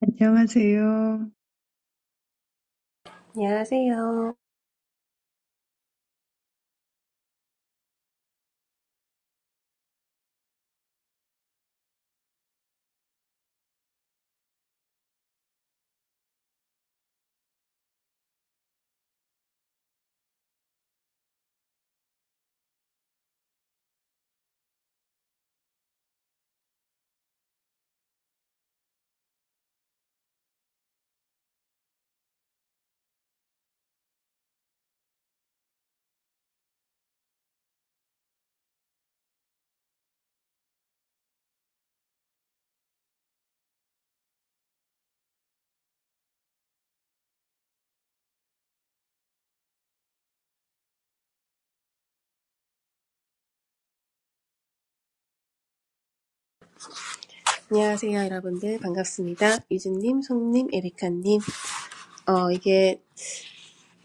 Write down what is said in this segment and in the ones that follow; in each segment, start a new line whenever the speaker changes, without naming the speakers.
안녕하세요.
안녕하세요. 안녕하세요, 여러분들. 반갑습니다. 유진님, 송님, 에리카님. 어, 이게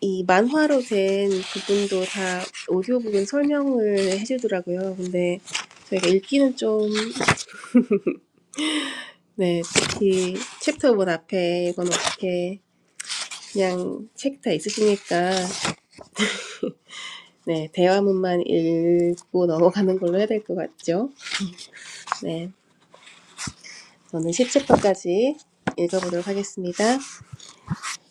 이 만화로 된 부분도 다 오디오 부분 설명을 해주더라고요. 근데 저희가 읽기는 좀, 네, 특히 챕터본 앞에 이건 어떻게 그냥 책 다 있으시니까, 네, 대화문만 읽고 넘어가는 걸로 해야 될 것 같죠. 네, 저는 10챕터까지 읽어보도록 하겠습니다.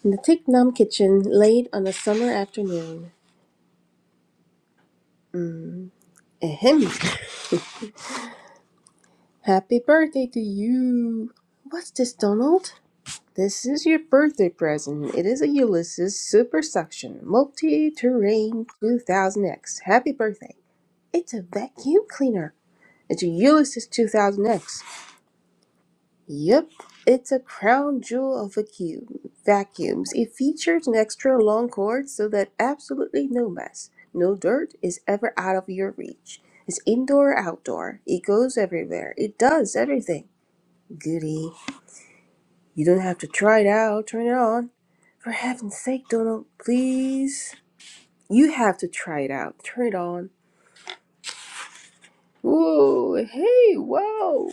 In the Thich Nam kitchen late on a summer afternoon. Ahem. Happy birthday to you. What's this, Donald? This is your birthday present. It is a Ulysses Super Suction Multi Terrain 2000X. Happy birthday. It's a vacuum cleaner. It's a Ulysses 2000X. Yep, it's a crown jewel of vacuum vacuums. It features an extra long cord so that absolutely no mess, no dirt is ever out of your reach. It's indoor or outdoor. It goes everywhere. It does everything. Goody. You don't have to try it out, turn it on. For heaven's sake, Donald, please. You have to try it out. Turn it on. Whoa, hey, whoa.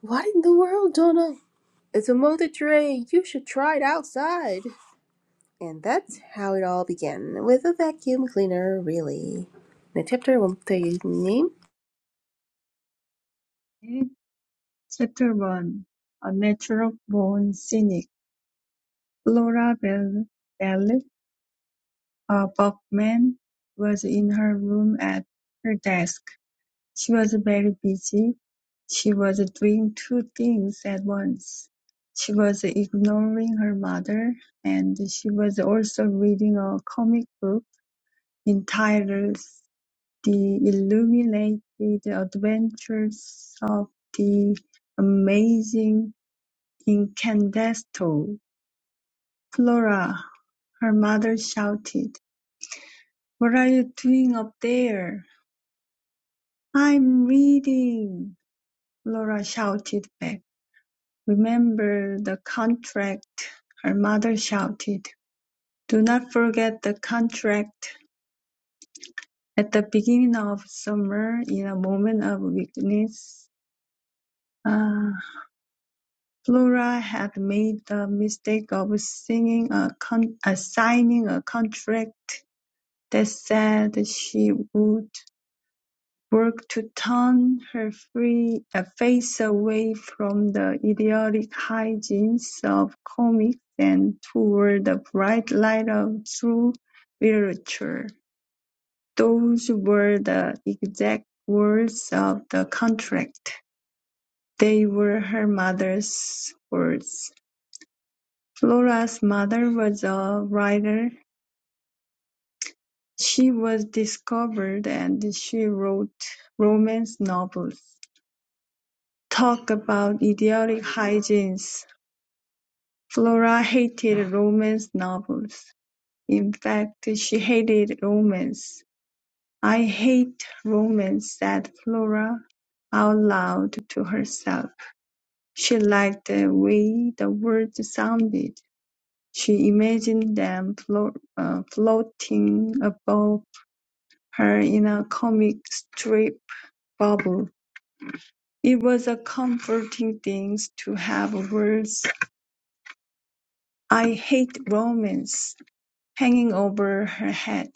What in the world, Donald? It's a multi tray. You should try it outside. And that's how it all began with a vacuum cleaner, really. The chapter won't tell you the name.
네, Chapter 1 A Natural Born Cynic Laura Bell, Bell uh, Buckman was in her room at her desk. She was very busy. She was doing two things at once. She was ignoring her mother and she was also reading a comic book entitled The illuminated adventures of the amazing Incandesto! Flora, her mother shouted. What are you doing up there? I'm reading, Flora shouted back. Remember the contract, her mother shouted. Do not forget the contract. At the beginning of summer, in a moment of weakness, ah." Flora had made the mistake of signing a con- uh, signing a contract that said she would work to turn her free, uh, face away from the idiotic hijinks of comics and toward the bright light of true literature. Those were the exact words of the contract. They were her mother's words. Flora's mother was a writer; she was discovered and she wrote romance novels. Talk about idiotic hygiene. Flora hated romance novels. In fact, she hated romance. "I hate romance," said Flora out loud to herself. She liked the way the words sounded. She imagined them flo- uh, floating above her in a comic strip bubble. It was a comforting thing to have words "I hate romance" hanging over her head,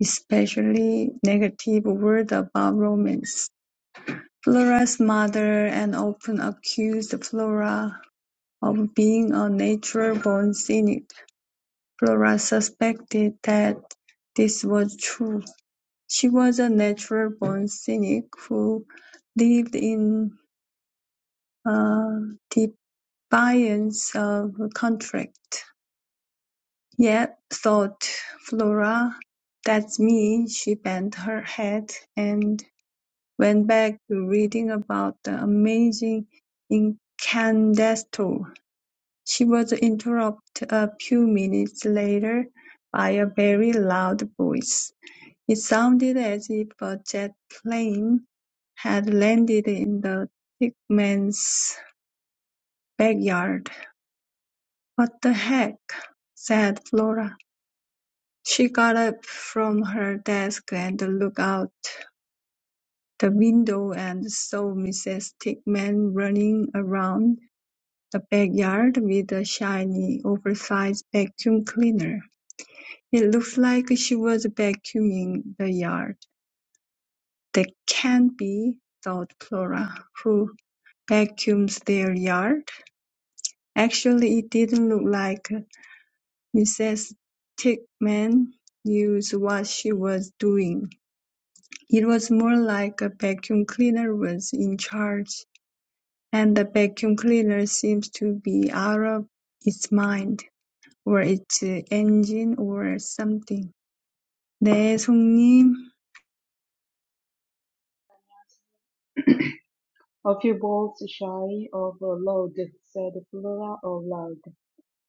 especially negative words about romance. Flora's mother and often accused Flora of being a natural-born cynic. Flora suspected that this was true. She was a natural-born cynic who lived in uh, defiance of contract. Yet, thought Flora, that's me, she bent her head and went back to reading about the amazing incandesto. She was interrupted a few minutes later by a very loud voice. It sounded as if a jet plane had landed in the Tickman's backyard. “What the heck?” said Flora. She got up from her desk and looked out the window and saw Mrs. Tickman running around the backyard with a shiny, oversized vacuum cleaner. It looked like she was vacuuming the yard. That can't be, thought Flora, who vacuums their yard. Actually, it didn't look like Mrs. Tickman knew what she was doing. It was more like a vacuum cleaner was in charge, and the vacuum cleaner seems to be out of its mind, or its engine, or something. 네, 송님.
A few bolts shy of a load, said Flora aloud,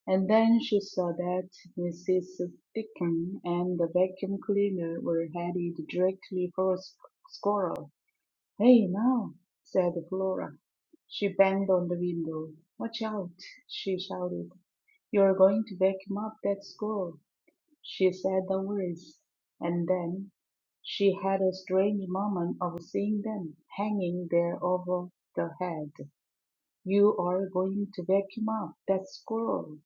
and then she saw that Mrs. Deacon and the vacuum cleaner were headed directly for a squirrel. Hey now, said Flora. She banged on the window. Watch out, she shouted. You're going to vacuum up that squirrel. She said the words, and then she had a strange moment of seeing them hanging there over the head. You are going to vacuum up that squirrel.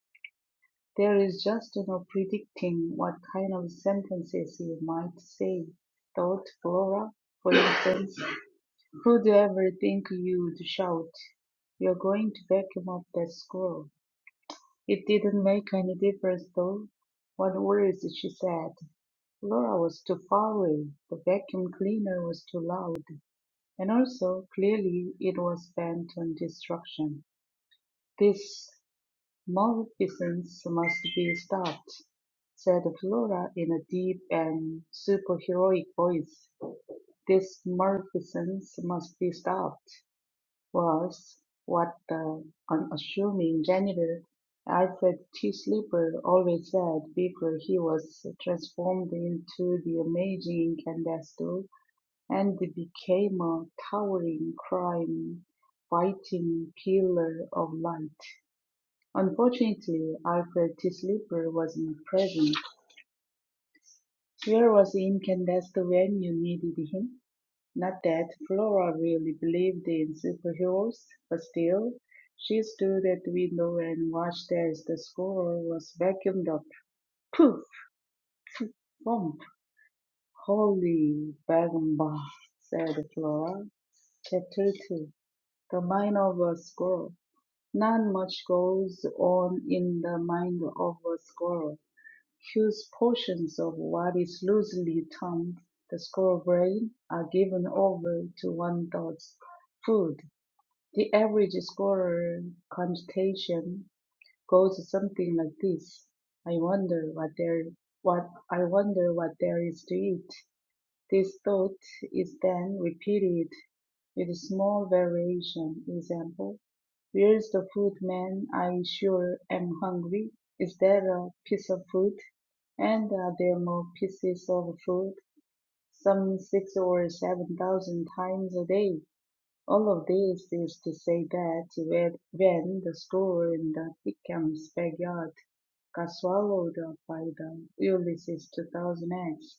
There is just no predicting what kind of sentences you might say, thought Flora. For instance, who'd ever think you'd shout, You're going to vacuum up that squirrel? It didn't make any difference, though. What words she said. Flora was too far away, the vacuum cleaner was too loud, and also, clearly, it was bent on destruction. This "Maleficence must be stopped," said Flora in a deep and superheroic voice. "This maleficence must be stopped," was what the unassuming janitor, Alfred T. Sleeper, always said before he was transformed into the amazing Candesto and became a towering crime-fighting pillar of light. Unfortunately, Alfred T. sleeper wasn't present. Where was Incandescent when you needed him? Not that Flora really believed in superheroes, but still, she stood at the window and watched as the score was vacuumed up. Poof! Thump! Holy Bagumba, said Flora. Chapter 2 The Mind of a Squirrel Not much goes on in the mind of a squirrel. Huge portions of what is loosely termed the squirrel brain are given over to one dog's food. The average squirrel connotation goes something like this: I wonder what there what I wonder what there is to eat. This thought is then repeated with small variation. Example: Where's the food, man? I sure am hungry. Is there a piece of food? And are there more pieces of food? Some six or seven thousand times a day. All of this is to say that when the store in the Pickham's backyard got swallowed up by the Ulysses 2000X.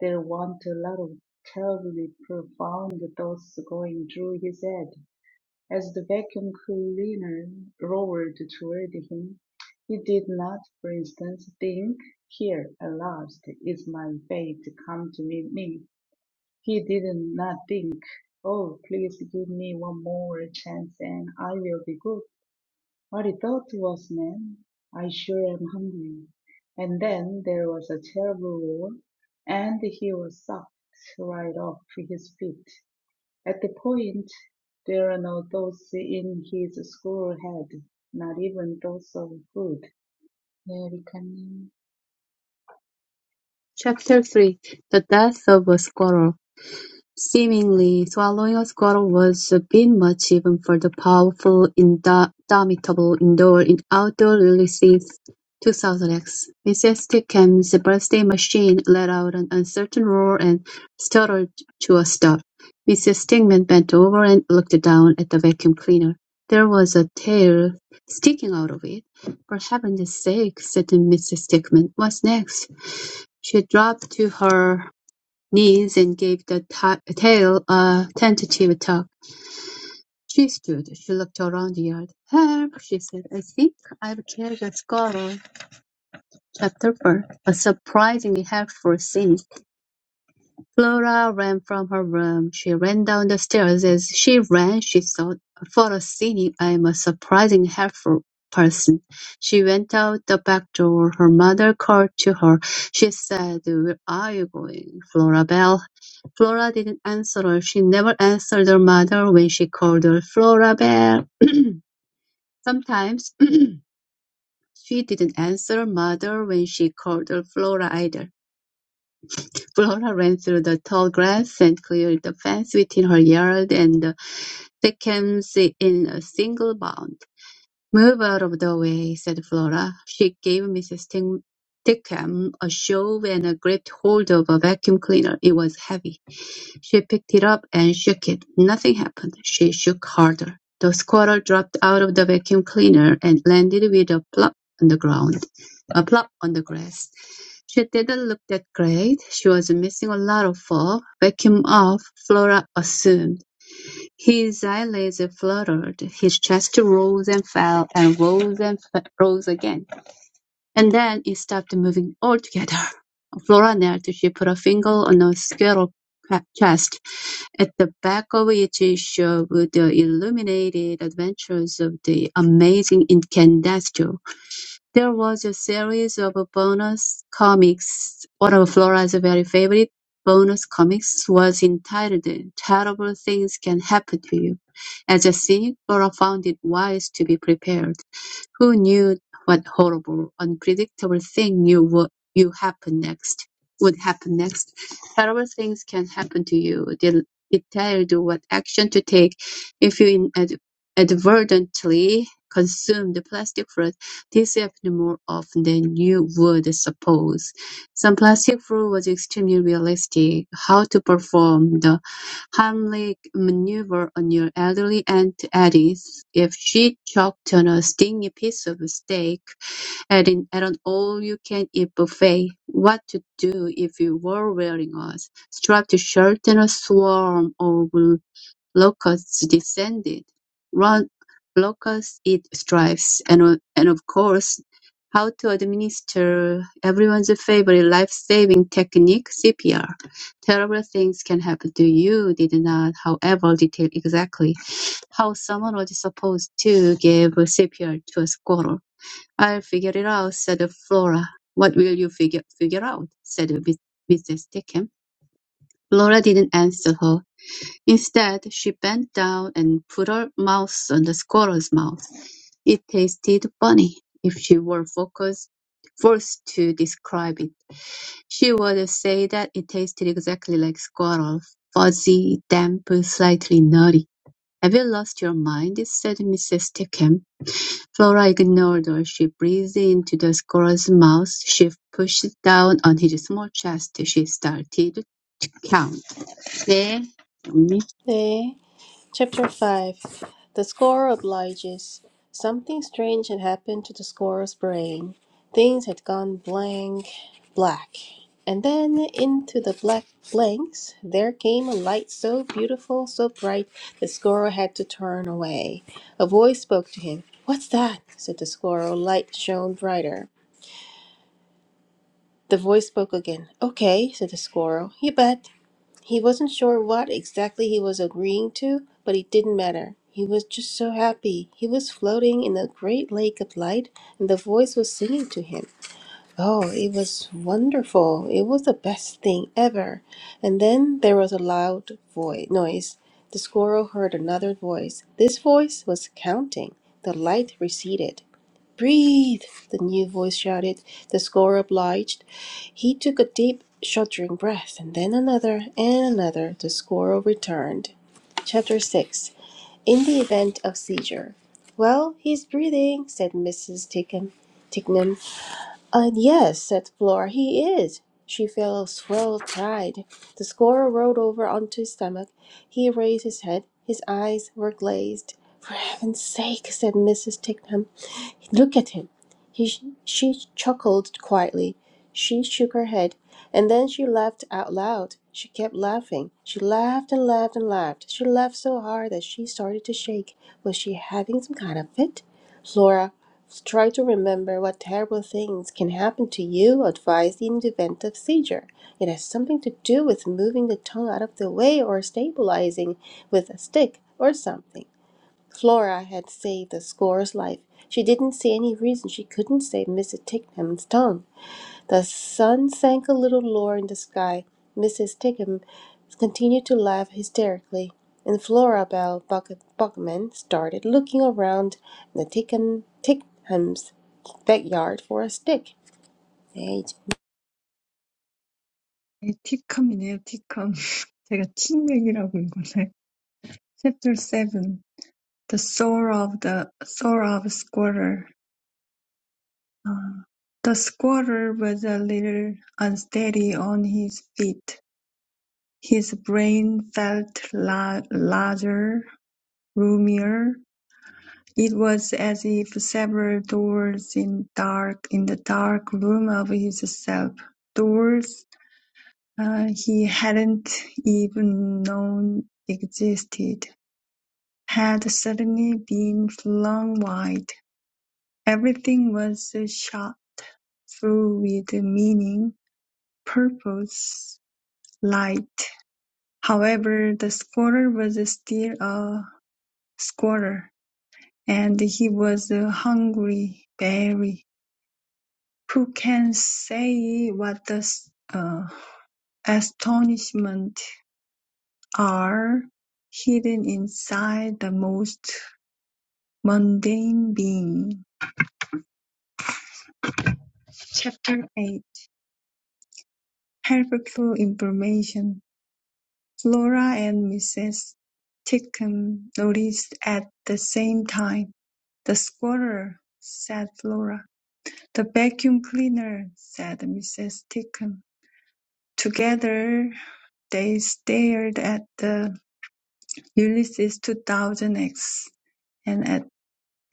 There wa'n't a lot of terribly profound thoughts going through his head. As the vacuum cleaner roared toward him, he did not, for instance, think, Here, at last, is my fate come to meet me. He did not think, Oh, please give me one more chance and I will be good. What he thought was, man, I sure am hungry. And then there was a terrible roar, and he was sucked right off his feet. At the point, there are no thoughts in his school head, not even thoughts of food. 네, 리카님.
Chapter three: The death of a squirrel. Seemingly, swallowing a squirrel was a bit much even for the powerful, indomitable indoor and outdoor Ulysses 2000X. Mrs. Tickham's birthday machine let out an uncertain roar and stuttered to a stop. Mrs. Stingman bent over and looked down at the vacuum cleaner. There was a tail sticking out of it. For heaven's sake, said Mrs. Stickman. What's next? She dropped to her knees and gave the ta- tail a tentative tug. She stood. She looked around the yard. "Help!" she said. "I think I've killed a squirrel." Chapter 4 A surprisingly helpful scene. Flora ran from her room. She ran down the stairs. As she ran, she thought, "What a cynic! I am a surprisingly helpful person." She went out the back door. Her mother called to her. She said, "Where are you going, Flora Belle?" Flora didn't answer her. She never answered her mother when she called her Flora Belle. Sometimes she didn't answer her mother when she called her Flora either. Flora ran through the tall grass and cleared the fence within her yard and seconds in a single bound. "Move out of the way," said Flora. She gave Mrs. Stickham a shove and gripped hold of a vacuum cleaner. It was heavy. She picked it up and shook it. Nothing happened. She shook harder. The squirrel dropped out of the vacuum cleaner and landed with a plop on the ground, a plop on the grass. She didn't look that great. She was missing a lot of fur. Vacuum off, Flora assumed. His eyelids fluttered, his chest rose and fell, and rose and f- rose again, and then it stopped moving altogether. Flora knelt. She put a finger on a squirrel ca- chest, at the back of which showed the illuminated adventures of the amazing incandescent. There was a series of bonus comics; one of Flora's very favorite bonus comics was entitled "Terrible Things Can Happen to You". As a cynic, Flora found it wise to be prepared. Who knew what horrible, unpredictable thing you would you happen next would happen next? Terrible things can happen to you. They it tell you what action to take if you inad- inadvertently consume the plastic fruit. This happens more often than you would suppose. The plastic floor was extremely realistic: how to perform the Heimlich maneuver on your elderly Aunt Edith if she choked on a stingy piece of steak at an, at an all-you-can-eat buffet, what to do if you were wearing a striped shirt and a swarm of Locusts descended, Run, locusts eat stripes, and and of course, how to administer everyone's favorite life-saving technique, CPR. Terrible things can happen to you did not, however, detail exactly how someone was supposed to give CPR to a squirrel. I'll figure it out, said Flora. What will you figure, figure out? said Mrs. Dickham. Flora didn't answer her. Instead, she bent down and put her mouth on the squirrel's mouth. It tasted funny, if she were focused, forced to describe it. She would say that it tasted exactly like squirrel, fuzzy, damp, slightly nutty. Have you lost your mind? said Mrs. Stickham. Flora ignored her. She breathed into the squirrel's mouth. She pushed down on his small chest. She started to count. 네, 정리.
네, Chapter 5 The score obliges. Something strange had happened to the score's brain. Things had gone blank, black. And then into the black blanks there came a light so beautiful, so bright, the squirrel had to turn away. A voice spoke to him. What's that? said the squirrel. Light shone brighter. The voice spoke again. Okay, said the squirrel. You bet. He wasn't sure what exactly he was agreeing to, but it didn't matter. He was just so happy. He was floating in a great lake of light, and the voice was singing to him. Oh, it was wonderful. It was the best thing ever. And then there was a loud voice noise. The squirrel heard another voice. This voice was counting. The light receded. Breathe, the new voice shouted. The scorer obliged. He took a deep, shuddering breath, and then another and another. The scorer returned. Chapter 6 In the Event of Seizure. Well, he's breathing, said Mrs. Tickham. Ticknam, and yes, said Flora, he is. She felt a swell of pride. The scorer rolled over onto his stomach. He raised his head. His eyes were glazed. For heaven's sake, said Mrs. Tickham. Look at him. He, she chuckled quietly. She shook her head, and then she laughed out loud. She kept laughing. She laughed and laughed and laughed. She laughed so hard that she started to shake. Was she having some kind of fit? Flora Try to remember what terrible things can happen to you advised in the event of seizure. It has something to do with moving the tongue out of the way or stabilizing with a stick or something. Flora had saved the squirrel's life. She didn't see any reason she couldn't save Mrs. Ticknum's tongue. The sun sank a little lower in the sky. Mrs. Tickham continued to laugh hysterically, and Florabel Buck- Buckman started looking around the Tickham, Tickhams' backyard for a stick. 네, 이제
네, 티컴이네요, 티컴. 제가 팀맥이라고 읽었네. Chapter 7 The Soul of the Soul of Squatter The squatter was a little unsteady on his feet; his brain felt la- larger, roomier; it was as if several doors in dark, in the dark room of his self—doors he hadn't even known existed—had suddenly been flung wide. Everything was shot through with meaning. purpose light. However, the squatter was still a squatter, and he was a hungry bear. Who can say what the uh, astonishment are hidden inside the most mundane being? Chapter 8 Helpful Information Flora and Mrs. Titcomb noticed at the same time. "The squatter said Flora. "The vacuum cleaner," said Mrs. Titcomb. Together they stared at the Ulysses 2000X and at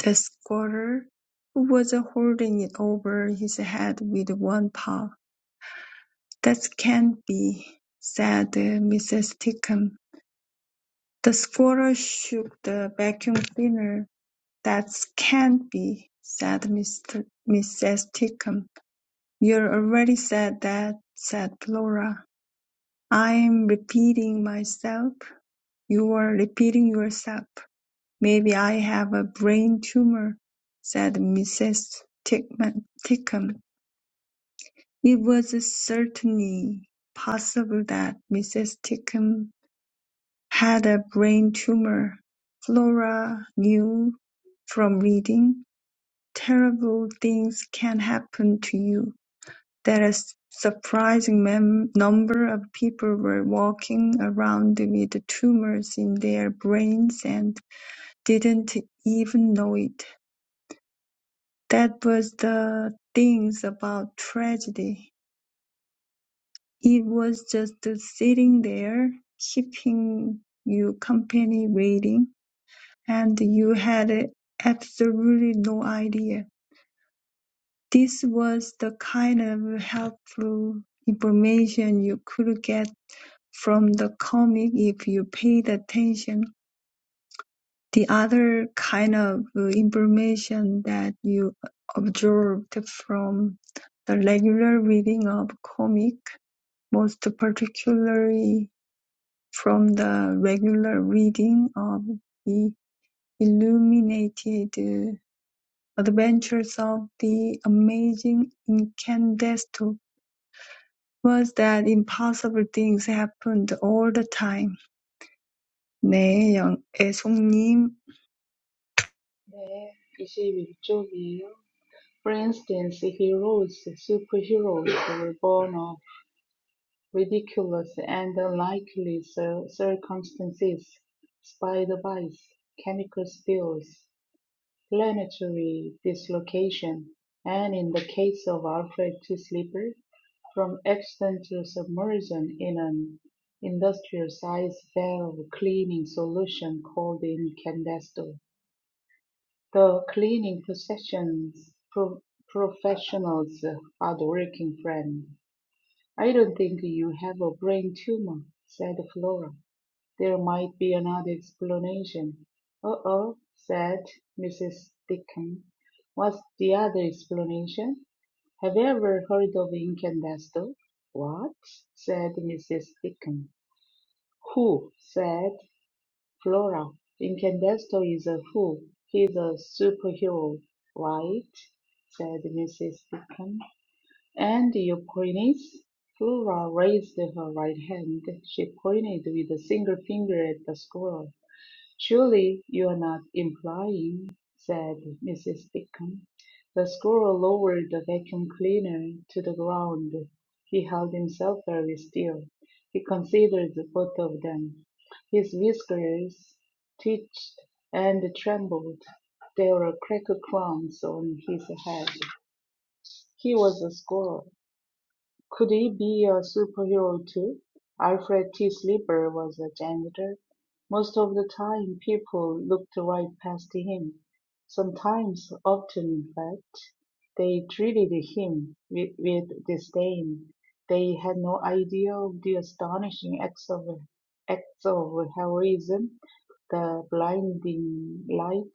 the squatter, who was holding it over his head with one paw. "That can't be," said Mrs. Titcomb. The squirrel shook the vacuum cleaner. "That can't be," said Mr. Mrs. Tickum. "You already said that," said Flora. "I'm repeating myself." "You're repeating yourself." "Maybe I have a brain tumor," said Mrs. Tickman- Tickum. It was certainly possible that Mrs. Tickum Had a brain tumor, Flora knew from reading, terrible things can happen to you, that a surprising mem- number of people were walking around with tumors in their brains and didn't even know it. That was the things about tragedy. It was just sitting there, keeping you company waiting And you had absolutely no idea. This was the kind of helpful information you could get from the comic if you paid attention. The other kind of information that you observed from the regular reading of comic, most particularly from the regular reading of the illuminated Adventures of the Amazing Incandesto was that impossible things happened all the time. 네, 영- 애송님.
네, 21쪽이에요. For instance, heroes, superheroes were born of. Ridiculous and unlikely circumstances, spider-bites, chemical spills, planetary dislocation, and in the case of Alfred T. Sleeper, from accidental submersion in an industrial-sized valve cleaning solution called incandesto. The cleaning profession's pro- professionals hard-working friend. I don't think you have a brain tumor, said Flora. There might be another explanation. Uh-oh, said Mrs. Dickon. What's the other explanation? Have you ever heard of incandesto? What? said Mrs. Dickon. Who? said Flora. Incandesto is a who. He's a superhero, right? said Mrs. Dickon. And you Euphonies, Flora raised her right hand. She pointed with a single finger at the squirrel. Surely you are not implying, said Mrs. Wickham. The squirrel lowered the vacuum cleaner to the ground. He held himself very still. He considered both of them. His whiskers twitched and trembled. There were cracker crumbs on his head. He was a squirrel. Could he be a superhero too? Alfred T. Sleeper was a janitor. Most of the time people looked right past him. Sometimes, often in fact, they treated him with, with disdain. They had no idea of the astonishing acts of, acts of heroism, the blinding light,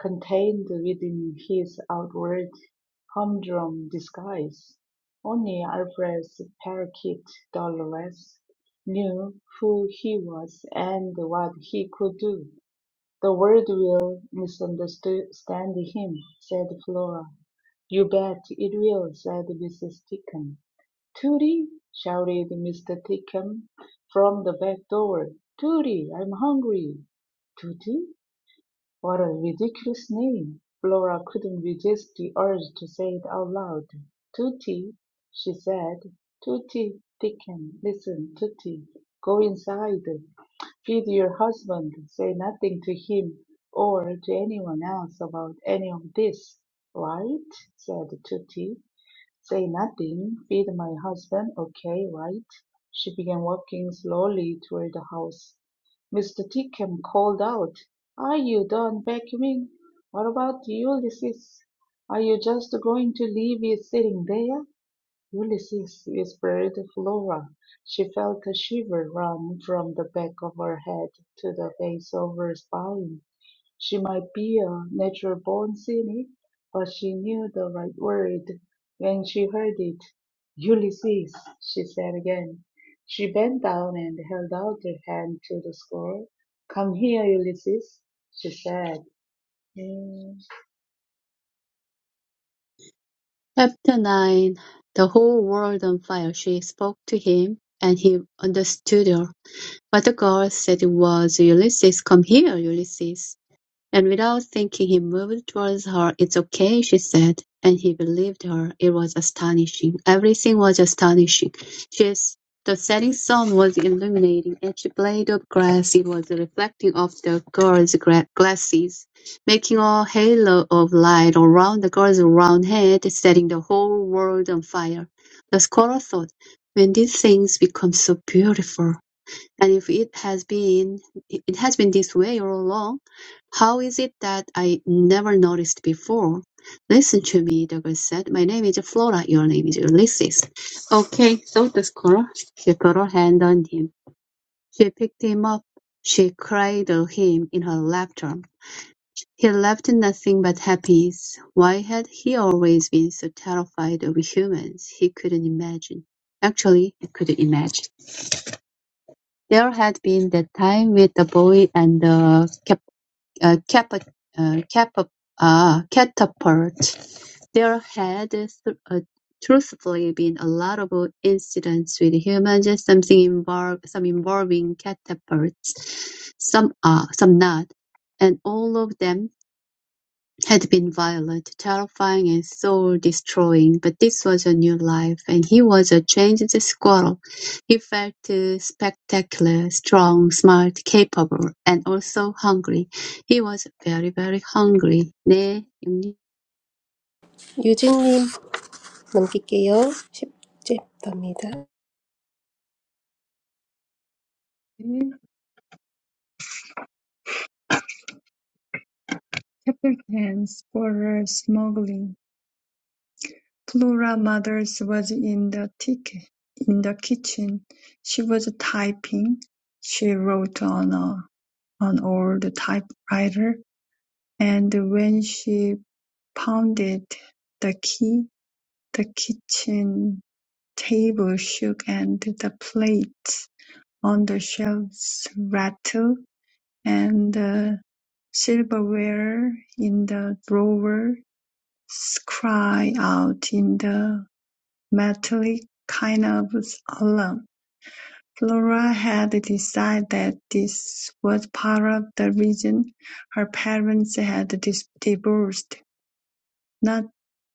Contained within his outward humdrum disguise, only Alvarez "Parakeet" Dolores knew who he was and what he could do. "The world will misunderstand him," said Flora. "You bet it will," said Mrs. Tickum. "Tootie!" shouted Mr. Tickum from the back door. "Tootie, I'm hungry!" "Tootie?" What a ridiculous name! Flora couldn't resist the urge to say it out loud. "Tutti," she said. "Tutti, Dickon. Listen, Tutti. Go inside. Feed your husband. Say nothing to him or to anyone else about any of this. Right?" said Tutti. Say nothing, feed my husband, okay, right? She began walking slowly toward the house. Mr. Tickham called out, Are you done vacuuming? What about Ulysses? Are you just going to leave it sitting there? Ulysses whispered Flora. She felt a shiver run from the back of her head to the base of her spine. She might be a natural born cynic, but she knew the right word when she heard it. Ulysses, she said again. She bent down and held out her hand to the squirrel. Come here, Ulysses, she said. Mm.
Chapter 9 The whole world on fire. She spoke to him, and he understood her. But the girl said it was Ulysses. Come here, Ulysses. And without thinking he moved towards her. "It's okay," she said, and he believed her. It was astonishing. Everything was astonishing. She's, the setting sun was illuminating each blade of grass. It was reflecting off the girl's glasses, making a halo of light around the girl's round head, setting the whole world on fire. The scholar thought, "When did things become so beautiful?" And if it has been it has been this way all along, how is it that I never noticed before? Listen to me, the girl said. My name is Flora, your name is Ulysses. Okay, thought the squirrel. She put her hand on him. She picked him up. She cradled him in her laughter. He left nothing but happiness. Why had he always been so terrified of humans? He couldn't imagine. Actually, he couldn't imagine. There had been that time with the boy and the cap, uh, cap, uh, cap, uh, catapult. There had th- uh, truthfully been a lot of incidents with humans, something involve, some involving catapults, some uh, some not, and all of them had been violent, terrifying, and soul destroying, but this was a new life, and he was a changed squirrel. He felt uh, spectacular, strong, smart, capable, and also hungry. He was very, very hungry. 네, 음.
유진님 넘길게요. 10집 답니다.
네, chapter 10, Squirrel Smuggling. Flora Mothers was in the tick, in the kitchen. She was typing. She wrote on a, an old typewriter, and when she pounded the key, the kitchen table shook and the plates on the shelves rattled, and the silverware in the drawer cried out in the metallic kind of alarm. Flora had decided that this was part of the reason her parents had dis- divorced, not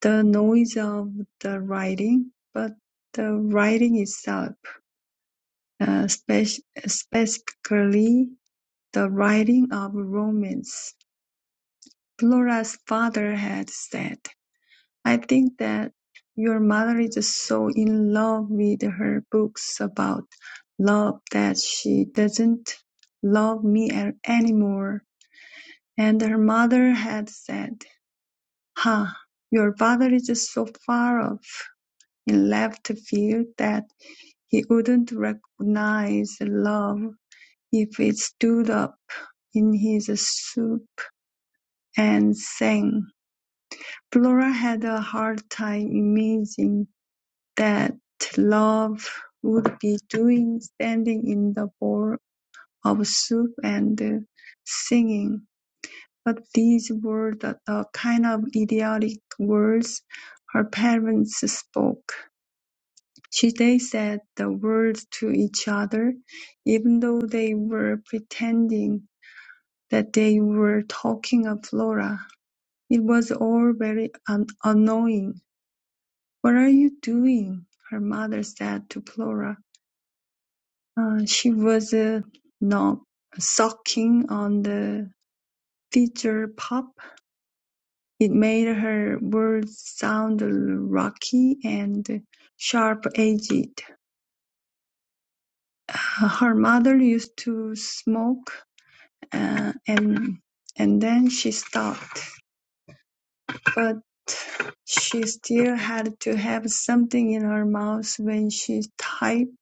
the noise of the writing, but the writing itself. uh, spe- Specifically, the writing of romance. Flora's father had said, I think that your mother is so in love with her books about love that she doesn't love me a- anymore. And her mother had said, Ha, your father is so far off in left field that he wouldn't recognize love If it stood up in his soup and sang. Flora had a hard time imagining that love would be doing standing in the bowl of soup and singing. But these were the, the kind of idiotic words her parents spoke. She, they said the words to each other, even though they were pretending that they were talking of Flora. It was all very an- annoying. What are you doing? Her mother said to Flora. Uh, she was uh, not sucking on the teacher pop. It made her words sound rocky and sharp edged. Her mother used to smoke, uh, and and then she stopped. But she still had to have something in her mouth when she typed,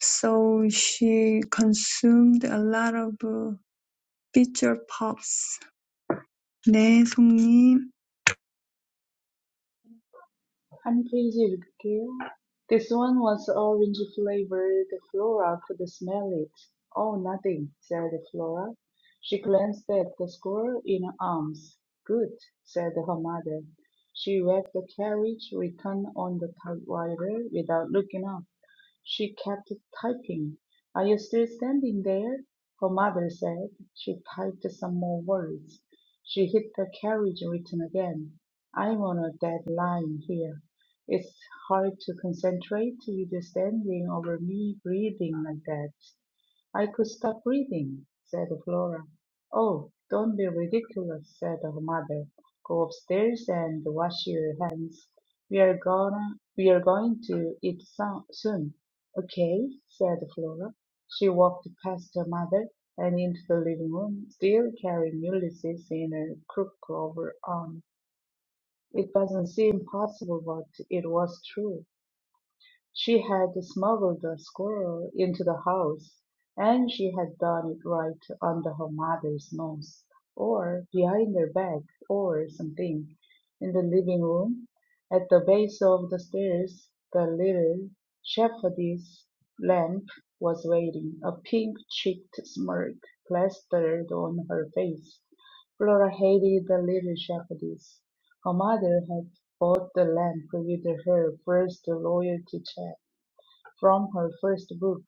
so she consumed a lot of uh, picture pops. 네, 송님.
한프리즈 읽을게요. This one was orange flavored. Flora could smell it. Oh, nothing, said Flora. She glanced at the squirrel in her arms. Good, said her mother. She left the carriage return on the typewriter without looking up. She kept typing. Are you still standing there? Her mother said. She typed some more words. She hit the carriage button again. I'm on a deadline here. It's hard to concentrate with you standing over me breathing like that. "I could stop reading," said Flora. "Oh, don't be ridiculous," said her mother. "Go upstairs and wash your hands. We're gonna we're going to eat so- soon." "Okay," said Flora. She walked past her mother and into the living room, still carrying Ulysses in a crook of her arm. It doesn't seem possible, but it was true. She had smuggled a squirrel into the house, and she had done it right under her mother's nose, or behind her back, or something. In the living room, at the base of the stairs, the little shepherdess lamp was waiting, a pink cheeked smirk plastered on her face. Flora hated the little shepherdess. Her mother had Bought the lamp with her first royalty check from her first book,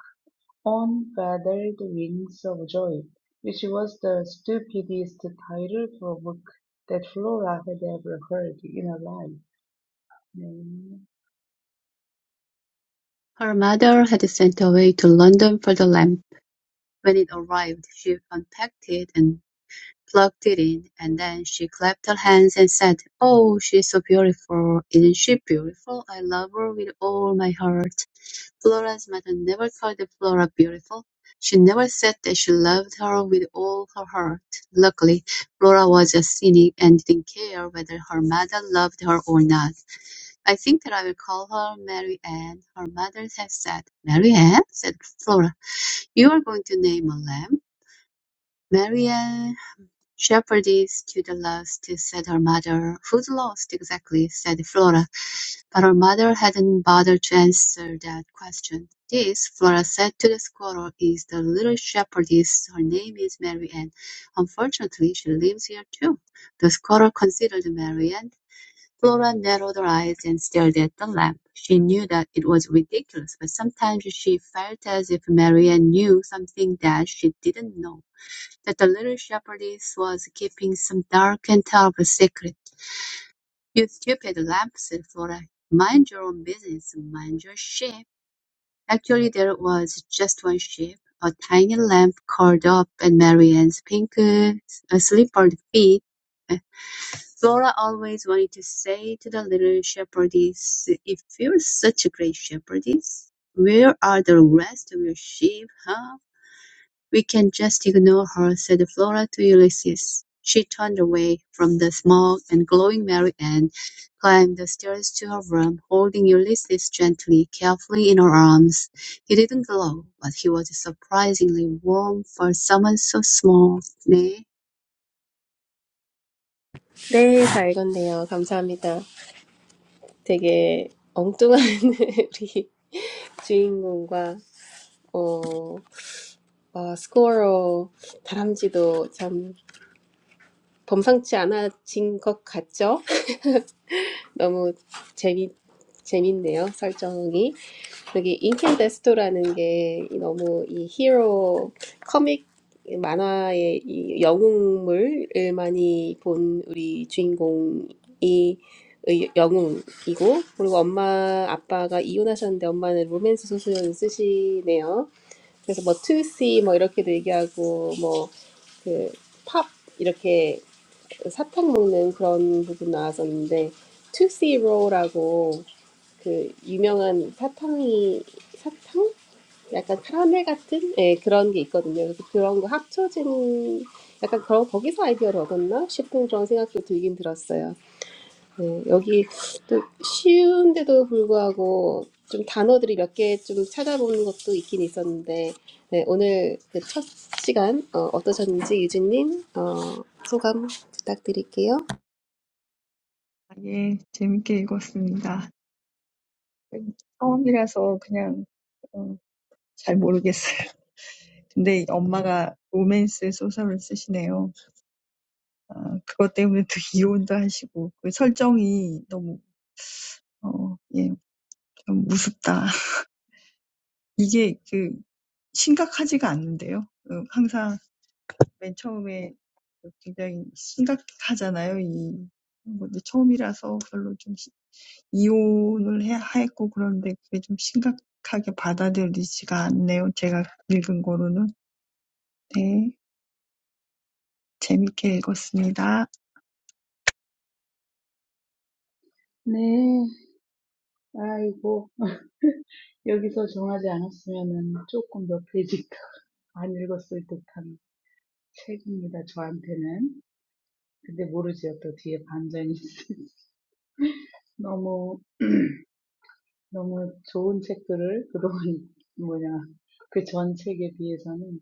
On Feathered Wings of Joy, which was the stupidest title for a book that Flora had ever heard in her life. 네.
Her mother had sent away to London for the lamp. When it arrived, she unpacked it and plugged it in, and then she clapped her hands and said, Oh, she's so beautiful. Isn't she beautiful? I love her with all my heart. Flora's mother never called Flora beautiful. She never said that she loved her with all her heart. Luckily, Flora was a cynic and didn't care whether her mother loved her or not. I think that I will call her Mary Ann, her mother had said. Mary Ann? said Flora. You are going to name a lamb? Mary Ann shepherdess to the last, said her mother. Who's lost exactly? said Flora. But her mother hadn't bothered to answer that question. "This," Flora said to the squirrel, "is the little shepherdess. Her name is Marianne. Unfortunately, she lives here too." The squirrel considered Marianne. Flora narrowed her eyes and stared at the lamp. She knew that it was ridiculous, but sometimes she felt as if Marianne knew something that she didn't know, that the little shepherdess was keeping some dark and terrible secret. "You stupid lamb, said Flora, "mind your own business, mind your sheep. Actually there was just one sheep, a tiny lamb curled up at Marianne's pink, uh, slippered feet. Uh, Flora always wanted to say to the little shepherdess, "If you're such a great shepherdess, where are the rest of your sheep, huh?" "We can just ignore her," said Flora to Ulysses. She turned away from the small and glowing Mary Ann, climbed the stairs to her room, holding Ulysses gently, carefully in her arms. He didn't glow, but he was surprisingly warm for someone so small. 네.
네, 잘 읽었네요. 감사합니다. 되게 엉뚱한 우리 주인공과 어, 어, 스코어 다람쥐도 참 범상치 않아진 것 같죠? 너무 재미 재밌네요 설정이 여기 인켄데스토라는 게 너무 이 히로 커믹 만화의 이 영웅물을 많이 본 우리 주인공이 의- 영웅이고 그리고 엄마 아빠가 이혼하셨는데 엄마는 로맨스 소설을 쓰시네요. 그래서 뭐 투시 뭐 이렇게도 얘기하고 뭐 그 팝 이렇게 사탕 먹는 그런 부분 나왔었는데 투시로라고 그 유명한 사탕이 사탕? 약간 카라멜 같은 예, 그런 게 있거든요. 그래서 그런 거 합쳐진 약간 그런 거기서 아이디어를 얻었나 싶은 그런 생각도 들긴 들었어요. 네, 여기 또 쉬운데도 불구하고 좀 단어들이 몇 개 좀 찾아보는 것도 있긴 있었는데 네, 오늘 그첫 시간 어, 어떠셨는지 유진님 어, 소감 부탁드릴게요.
예, 재밌게 읽었습니다. 처음이라서 그냥 어, 잘 모르겠어요. 근데 엄마가 로맨스 소설을 쓰시네요. 아, 그것 때문에 또 이혼도 하시고 그 설정이 너무 어, 예, 좀 무섭다. 이게 그 심각하지가 않는데요. 어, 항상 맨 처음에 굉장히 심각하잖아요. 이 뭐, 근데 처음이라서 별로 좀 시- 이혼을 해 했고 그런데 그게 좀 심각하게 받아들이지가 않네요. 제가 읽은 거로는. 네, 재밌게 읽었습니다.
네. 아이고. 여기서 정하지 않았으면은 조금 몇 페이지 더 안 읽었을 듯한 책입니다, 저한테는. 근데 모르죠. 또 뒤에 반전이 있을지. 너무 너무 좋은 책들을 그런 뭐냐 그 전 책에 비해서는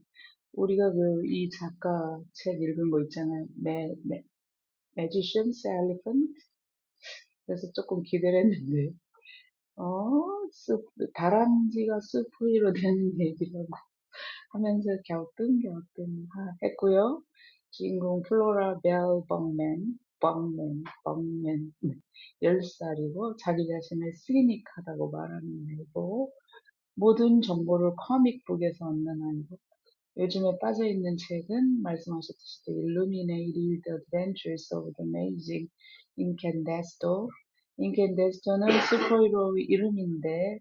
우리가 그이 작가 책 읽은 거 있잖아요. 매, 매, Magician's Elephant? 그래서 조금 기대를 했는데 어? 숲, 다람쥐가 숲 되는 얘기를 하면서 갸우뚱갸우뚱 하- 했고요. 주인공 플로라 벨 벙맨, 벙맨, 벙맨 열 살이고 자기 자신을 시니컬하다고 말하는 애고 모든 정보를 커믹북에서 얻는 아니고 요즘에 빠져 있는 책은 말씀하셨듯이 The Illuminated Reader, The Adventures of the Amazing Incandesto. Incandesto는 스포이로 이름인데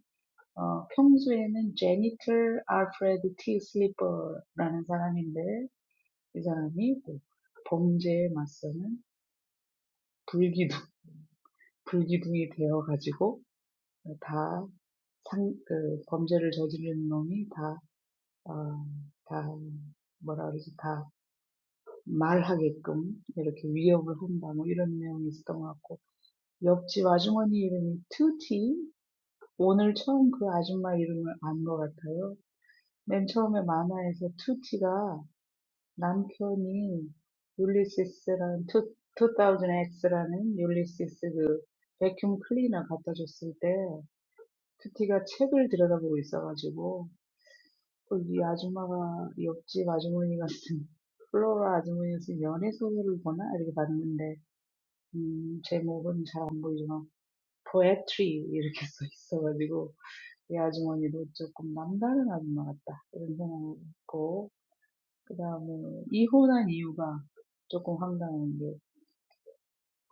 어, 평소에는 Janitor Alfred T. Sleeper라는 사람인데 이 사람이 뭐 범죄에 맞서는 불기둥 불기둥이 되어 가지고 다 상, 그 범죄를 저지르는 놈이 다 어, 다 뭐라 그러지 다 말하게끔 이렇게 위협을 한다 뭐 이런 내용이 있었던 것 같고 옆집 아주머니 이름이 투티 오늘 처음 그 아줌마 이름을 안것 같아요. 맨 처음에 만화에서 투티가 남편이 율리시스라는 투 2000X라는 율리시스 그 베큐um 클리너 갖다 줬을 때 투티가 책을 들여다보고 있어가지고 이 아줌마가 옆집 아주머니 같은 플로라 아주머니가 쓴 연애 소설을 보나 이렇게 봤는데 음, 제목은 잘 안 보이지만 poetry 이렇게 써 있어가지고 이 아주머니도 조금 남다른 아줌마 같다 이런 생각이 있고 그 다음에 이혼한 이유가 조금 황당한 게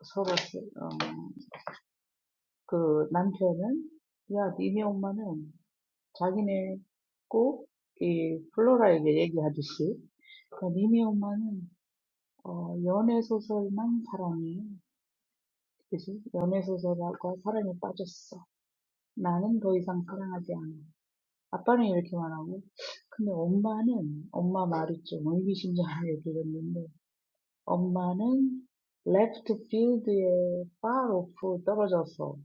서로 어, 그 남편은 야 니네 엄마는 자기네 꼭 이 플로라에게 얘기하듯이 그러니까 니네 엄마는 어, 연애소설만 사랑해. 그치? 연애소설과 사랑에 빠졌어. 나는 더 이상 사랑하지 않아. 아빠는 이렇게 말하고. 근데 엄마는, 엄마 말이 좀 의미심장하게 들렸는데, 엄마는 left field에 far off 떨어졌어.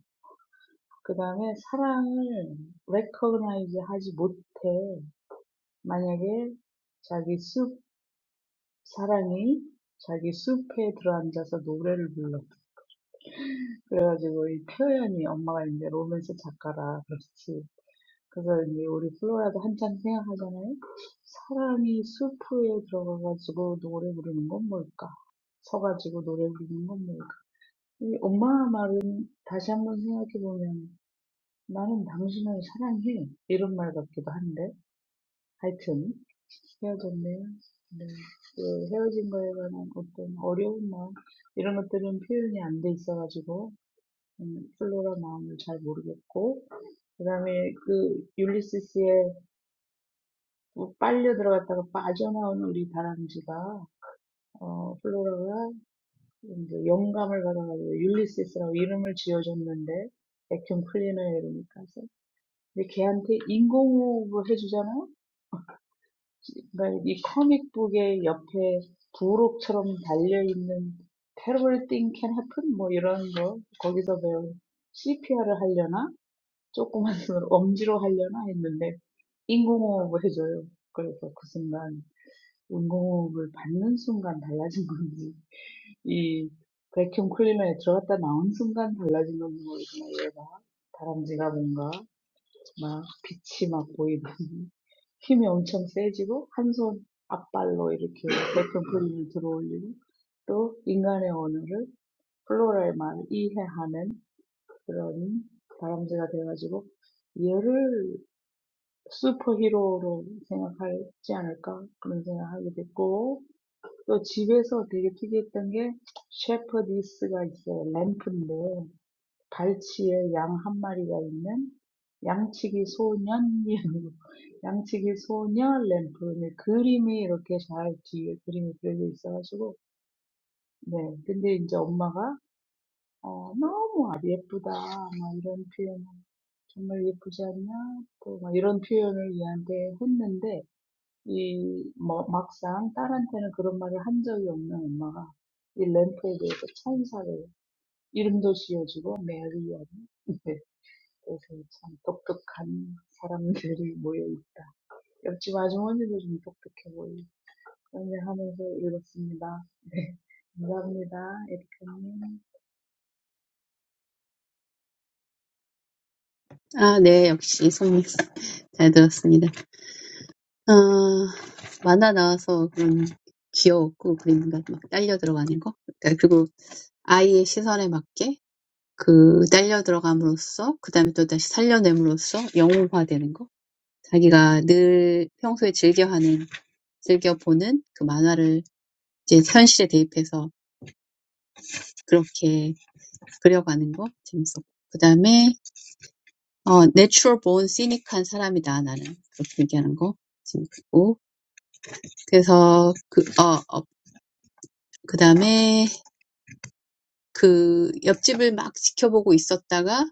그 다음에 사랑을 recognize 하지 못해. 만약에 자기 숲, 사랑이 자기 숲에 들어앉아서 노래를 불러. 그래가지고 이 플로연이 엄마가 이제 로맨스 작가라 그렇지. 그래서 이제 우리 플로라도 한참 생각하잖아요. 사람이 수프에 들어가가지고 노래 부르는 건 뭘까? 서가지고 노래 부르는 건 뭘까? 이 엄마 말은 다시 한번 생각해보면 나는 당신을 사랑해. 이런 말 같기도 한데. 하여튼 헤어졌네요. 네. 그 헤어진 거에 관한 어떤 어려운 마음 이런 것들은 표현이 안돼 있어가지고 음, 플로라 마음을 잘 모르겠고, 그 다음에 그 율리시스에 빨려 들어갔다가 빠져나온 우리 다람쥐가, 어, 플로라가 이제 영감을 받아가지고 율리시스라고 이름을 지어줬는데, 백형 클리너의 이름이까지. 근데 걔한테 인공호흡을 해주잖아요? 그러니까 이 코믹북의 옆에 부록처럼 달려있는 Terrible thing can happen? 뭐 이런 거, 거기서 배운 CPR을 하려나? 조그만 손으로 엄지로 하려나 했는데 인공호흡을 해줘요. 그래서 그 순간 인공호흡을 받는 순간 달라진 건지 이 백큐ම් 클리너에 들어갔다 나온 순간 달라진 건지 모르지만 얘가 다람쥐가 뭔가 막 빛이 막 보이는 힘이 엄청 세지고 한 손 앞발로 이렇게 백큐음 클리너를 들어올리고 또 인간의 언어를 플로라의 말을 이해하는 그런 다람쥐가 돼가지고 얘를 슈퍼히어로로 생각하지 않을까 그런 생각하게 됐고 또 집에서 되게 특이했던 게 셰퍼디스가 있어요. 램프인데 발치에 양한 마리가 있는 양치기 소년이라고 양치기 소년 램프인데 그림이 이렇게 잘 뒤에 그림이 그려져 있어가지고 네 근데 이제 엄마가 어 너무 아주 예쁘다 막 이런 표현 정말 예쁘지 않냐 또막 이런 표현을 얘한테 했는데 이, 뭐, 막상 딸한테는 그런 말을 한 적이 없는 엄마가 이 램프에 대해서 천사를 이름도 지어주고 메리와 그래서 참 독특한 사람들이 모여있다. 옆집 아주머니도 좀 독특해 보이고 그런 일 하면서 읽었습니다. 네, 감사합니다. 에리카님.
아, 네. 역시 성미 잘 들었습니다. 어, 만화 나와서 그런 귀여웠고, 그림과 막 딸려 들어가는 거. 그리고 아이의 시선에 맞게 그 딸려 들어감으로써 그다음에 또 다시 살려냄으로써 영웅화되는 거. 자기가 늘 평소에 즐겨하는 즐겨보는 그 만화를 이제 현실에 대입해서 그렇게 그려가는 거 재밌었고. 그다음에 어 내추럴 본 시닉한 사람이다 나는 그렇게 얘기하는 거 재밌고. 그래서 그어 어, 그다음에 그 옆집을 막 지켜보고 있었다가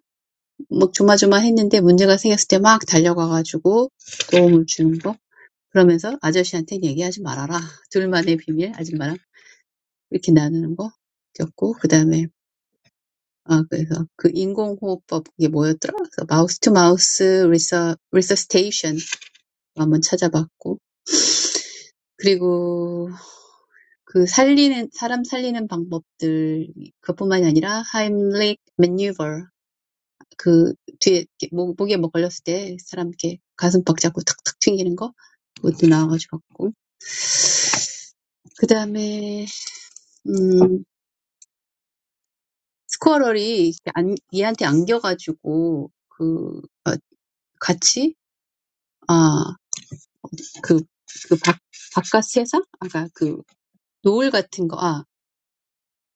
막 조마조마했는데 문제가 생겼을 때막 달려가가지고 도움을 주는 거. 그러면서 아저씨한테는 얘기하지 말아라. 둘만의 비밀, 아줌마랑 이렇게 나누는 거 겪고 그다음에 아 그래서 그 인공호흡법 이게 뭐였더라? 그래서 마우스 투 마우스 리서 리서스테이션 한번 찾아봤고 그리고 그 살리는 사람 살리는 방법들 그것뿐만이 아니라 하임릭 매뉴버 그 뒤에 목, 목에 뭐 걸렸을 때 사람 이렇게 가슴 박 잡고 탁탁 튕기는 거 그것도 나와가지고 봤고 그 다음에 음 스쿼럴이 안, 얘한테 안겨가지고 그 어, 같이 아그그 바깥 세상 아까 그 노을 같은 거 아.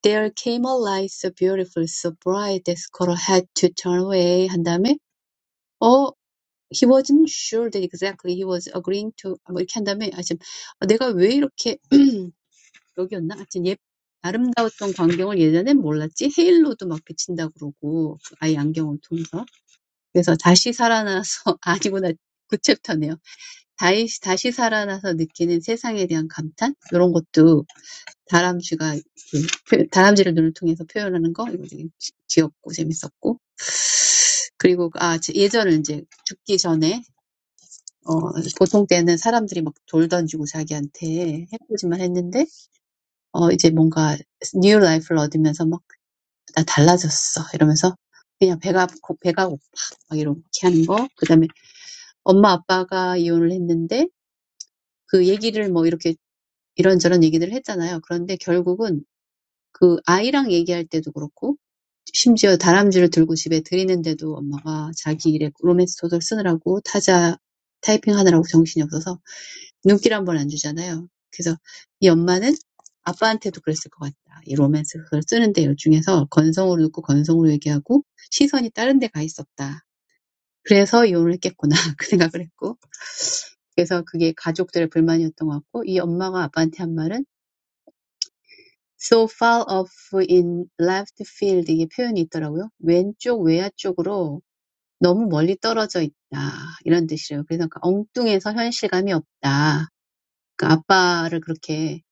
There came a light so beautiful, so bright that Squirrel had to turn away 한 다음에 어 he wasn't sure that exactly he was agreeing to 뭐 이렇게 한 다음에 아참 내가 왜 이렇게 여기였나 하여튼 예 아름다웠던 광경을 예전엔 몰랐지 헤일로도 막 비친다 그러고 그 아이 안경을 통해서 그래서 다시 살아나서 아니구나 구 챕터네요. 다시 다시 살아나서 느끼는 세상에 대한 감탄 이런 것도 다람쥐가 이렇게 표- 다람쥐를 눈을 통해서 표현하는 거 이거 되게 귀- 귀엽고 재밌었고 그리고 아 제- 예전에 이제 죽기 전에 어 보통 때는 사람들이 막돌 던지고 자기한테 해보지만 했는데 어 이제 뭔가 뉴 라이프를 얻으면서 막나 달라졌어 이러면서 그냥 배가 고- 배가 고파 막 이렇게 하는 거그 다음에 엄마 아빠가 이혼을 했는데 그 얘기를 뭐 이렇게 이런저런 얘기들을 했잖아요. 그런데 결국은 그 아이랑 얘기할 때도 그렇고 심지어 다람쥐를 들고 집에 들이는데도 엄마가 자기 일에 로맨스 소설 쓰느라고 타자 타이핑하느라고 정신이 없어서 눈길 한번 안 주잖아요. 그래서 이 엄마는 아빠한테도 그랬을 것 같다. 이 로맨스 소설 쓰는데 일 중에서 건성으로 듣고 건성으로 얘기하고 시선이 다른 데가 있었다. 그래서 이혼을 했겠구나 그 생각을 했고 그래서 그게 가족들의 불만이었던 것 같고 이 엄마가 아빠한테 한 말은 so far off in left field 이게 표현이 있더라고요. 왼쪽 외야 쪽으로 너무 멀리 떨어져 있다 이런 뜻이에요. 그래서 엉뚱해서 현실감이 없다. 그러니까 아빠를 그렇게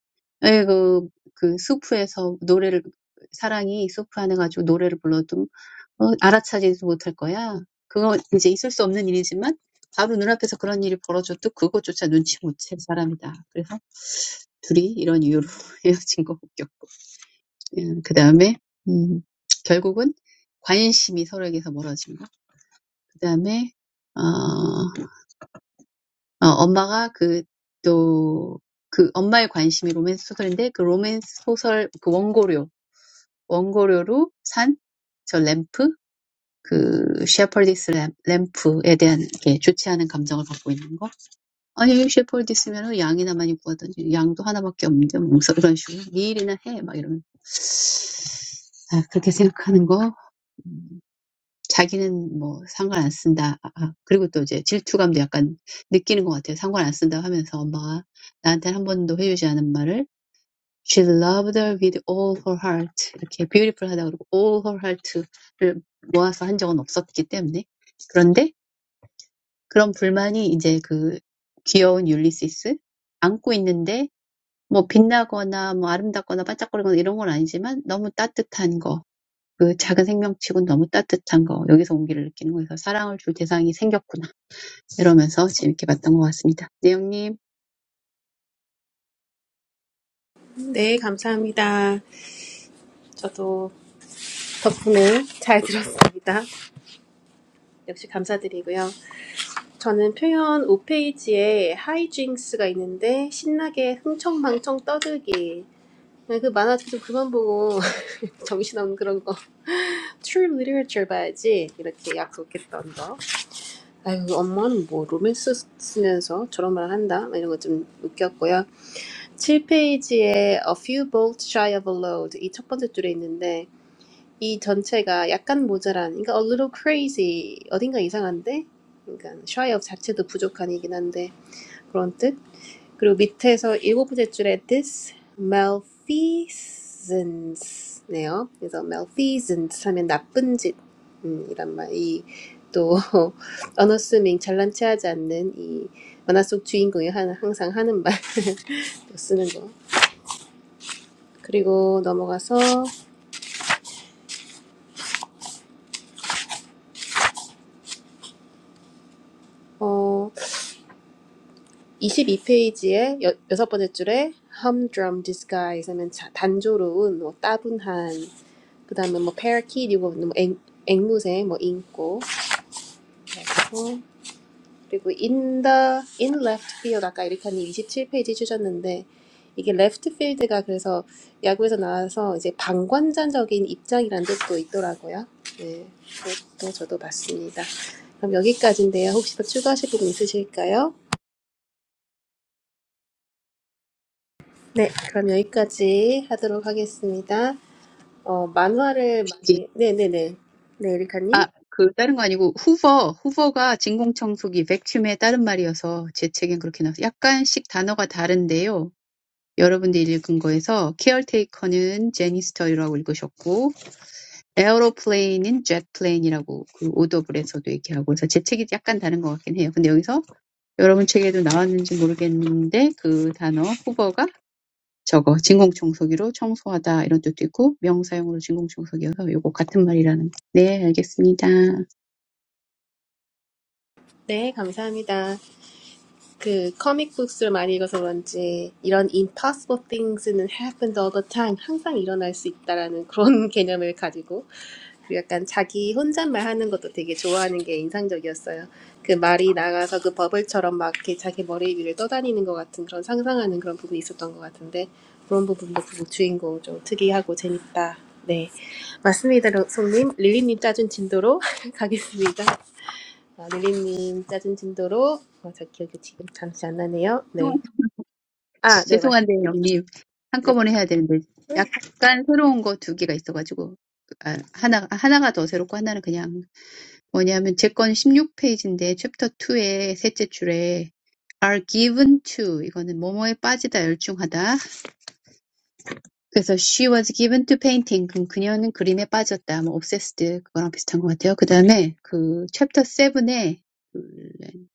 에이그 그 수프에서 노래를 사랑이 수프 안에 가지고 노래를 불러도 어, 알아차리지도 못할 거야. 그거 이제 있을 수 없는 일이지만 바로 눈앞에서 그런 일이 벌어져도 그것조차 눈치 못 챌 사람이다. 그래서 둘이 이런 이유로 헤어진 거 웃겼고. 음, 그다음에 음, 결국은 관심이 서로에게서 멀어진 거. 그 다음에 어, 어, 엄마가 그 또, 그 엄마의 관심이 로맨스 소설인데 그 로맨스 소설 그 원고료, 원고료로 산 산저 램프 그 셰퍼디스 램프에 대한 이렇게 좋지 않은 감정을 갖고 있는 거. 아니 셰퍼디스면은 양이나 많이 구하던지 양도 하나밖에 없는데 뭐 이런 식으로 네 일이나 해 막 이러면 아, 그렇게 생각하는 거 음, 자기는 뭐 상관 안 쓴다. 아, 그리고 또 이제 질투감도 약간 느끼는 것 같아요. 상관 안 쓴다 하면서 엄마가 나한테는 한 번도 회유지 않은 말을 She loved her with all her heart. 이렇게 beautiful 하다 그러고 all her heart를 모아서 한 적은 없었기 때문에. 그런데 그런 불만이 이제 그 귀여운 율리시스 안고 있는데 뭐 빛나거나 뭐 아름답거나 반짝거리거나 이런 건 아니지만 너무 따뜻한 거. 그 작은 생명치고는 너무 따뜻한 거. 여기서 온기를 느끼는 거에서 사랑을 줄 대상이 생겼구나. 이러면서 재밌게 봤던 것 같습니다. 내영님,
네, 감사합니다. 저도 덕분에 잘 들었습니다. 역시 감사드리고요. 저는 표현 5페이지에 하이징스가 있는데 신나게 흥청망청 떠들기. 네, 그 만화 좀 그만 보고 정신없는 그런 거. True Literature 봐야지. 이렇게 약속했던 거. 아이고 엄마는 뭐 로맨스 쓰면서 저런 말 한다. 이런 거 좀 웃겼고요. 7페이지에 A few bolts shy of a load 이 첫 번째 줄에 있는데 이 전체가 약간 모자란, 그러니까 a little crazy, 어딘가 이상한데, 그러니까 shy of 자체도 부족한이긴 한데 그런 뜻. 그리고 밑에서 일곱 번째 줄에 this malfeasance네요. 그래서 malfeasance 하면 나쁜 짓, 음, 이란 말. 이또 unassuming 잘난 체하지 않는 이 만화 속 주인공이 하는 항상 하는 말 또 쓰는 거. 그리고 넘어가서 어 22페이지의 여, 여섯 번째 줄에 humdrum disguise 하면 자, 단조로운 뭐 따분한 그다음에 뭐 parakeet 이거 뭐 앵, 앵무새 뭐인꼬 그리고 그리고 in the in left field 아까 이렇게이 27페이지 주셨는데 이게 left field가 그래서 야구에서 나와서 이제 방관자적인 입장이라는 뜻도 있더라고요. 네, 그것도 저도 봤습니다. 그럼 여기까지인데요. 혹시 더 추가하실 부분 있으실까요? 네, 그럼 여기까지 하도록 하겠습니다. 어, 만화를
여기-
많이, 네네네. 네, 에리카님.
아, 그 다른 거 아니고 후버, 후버가 진공청소기, 백큐의 다른 말이어서 제 책엔 그렇게 나와서 약간씩 단어가 다른데요. 여러분들이 읽은 거에서 케어테이커는 제니스터라고 읽으셨고 에어로플레인인 젯플레인이라고 그 오더블에서도 얘기하고 그래서 제 책이 약간 다른 것 같긴 해요. 근데 여기서 여러분 책에도 나왔는지 모르겠는데 그 단어 후버가 저거 진공청소기로 청소하다 이런 뜻도 있고 명사용으로 진공청소기여서 요거 같은 말이라는 거. 네 알겠습니다.
네, 감사합니다. 그 커믹북스를 많이 읽어서 그런지 이런 impossible things는 happen all the time 항상 일어날 수 있다라는 그런 개념을 가지고 그리고 약간 자기 혼잣말 하는 것도 되게 좋아하는 게 인상적이었어요. 그 말이 나가서 그 버블처럼 막 이렇게 자기 머리 위를 떠다니는 것 같은 그런 상상하는 그런 부분이 있었던 것 같은데 그런 부분도 그 주인공 좀 특이하고 재밌다. 네, 맞습니다, 송님. 릴리님 짜준 진도로 가겠습니다. 아, 릴리님 짜증 진도로 어, 저 기억이 지금 잠시 안 나네요. 네.
죄송한-
아, 네, 맞.
죄송한데 영님
네.
한꺼번에 해야 되는데 약간 새로운 거두 개가 있어가지고 아, 하나 하나가 더 새롭고 하나는 그냥 뭐냐면 제 거는 16페이지인데 챕터 2의 셋째 줄에 are given to 이거는 뭐뭐에 빠지다 열중하다 그래서 she was given to painting 그럼 그녀는 그림에 빠졌다 뭐 obsessed 그거랑 비슷한 것 같아요 그 다음에 그 챕터 7의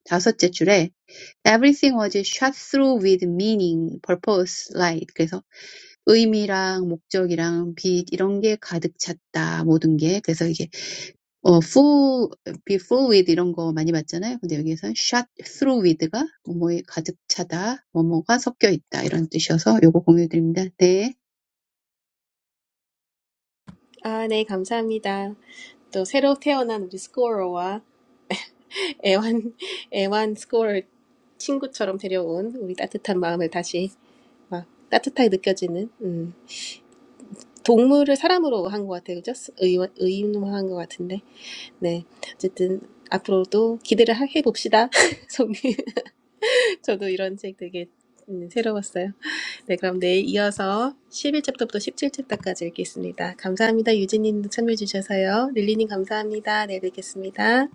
다섯째 줄에 everything was shot through with meaning, purpose, light 그래서 의미랑 목적이랑 빛 이런 게 가득 찼다 모든 게 그래서 이게 어 for before with 이런 거 많이 봤잖아요. 근데 여기에선 shot through with가 뭐뭐에 가득 차다, 뭐뭐가 섞여 있다 이런 뜻이어서 요거 공유 드립니다. 네.
아, 네, 감사합니다. 또 새로 태어난 우리 스코어와 애완 애완 스코어 친구처럼 데려온 우리 따뜻한 마음을 다시 막 따뜻하게 느껴지는 음. 동물을 사람으로 한 것 같아요. 그죠? 의, 의인화한 것 같은데. 네. 어쨌든 앞으로도 기대를 해 봅시다. 저도 이런 책 되게 음, 새로웠어요. 네, 그럼 내일 이어서 11챕터부터 17챕터까지 읽겠습니다. 감사합니다. 유진님도 참여해 주셔서요. 릴리님 감사합니다. 내일 뵙겠습니다.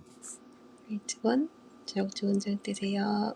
일찍은 저녁 좋은 저녁 되세요.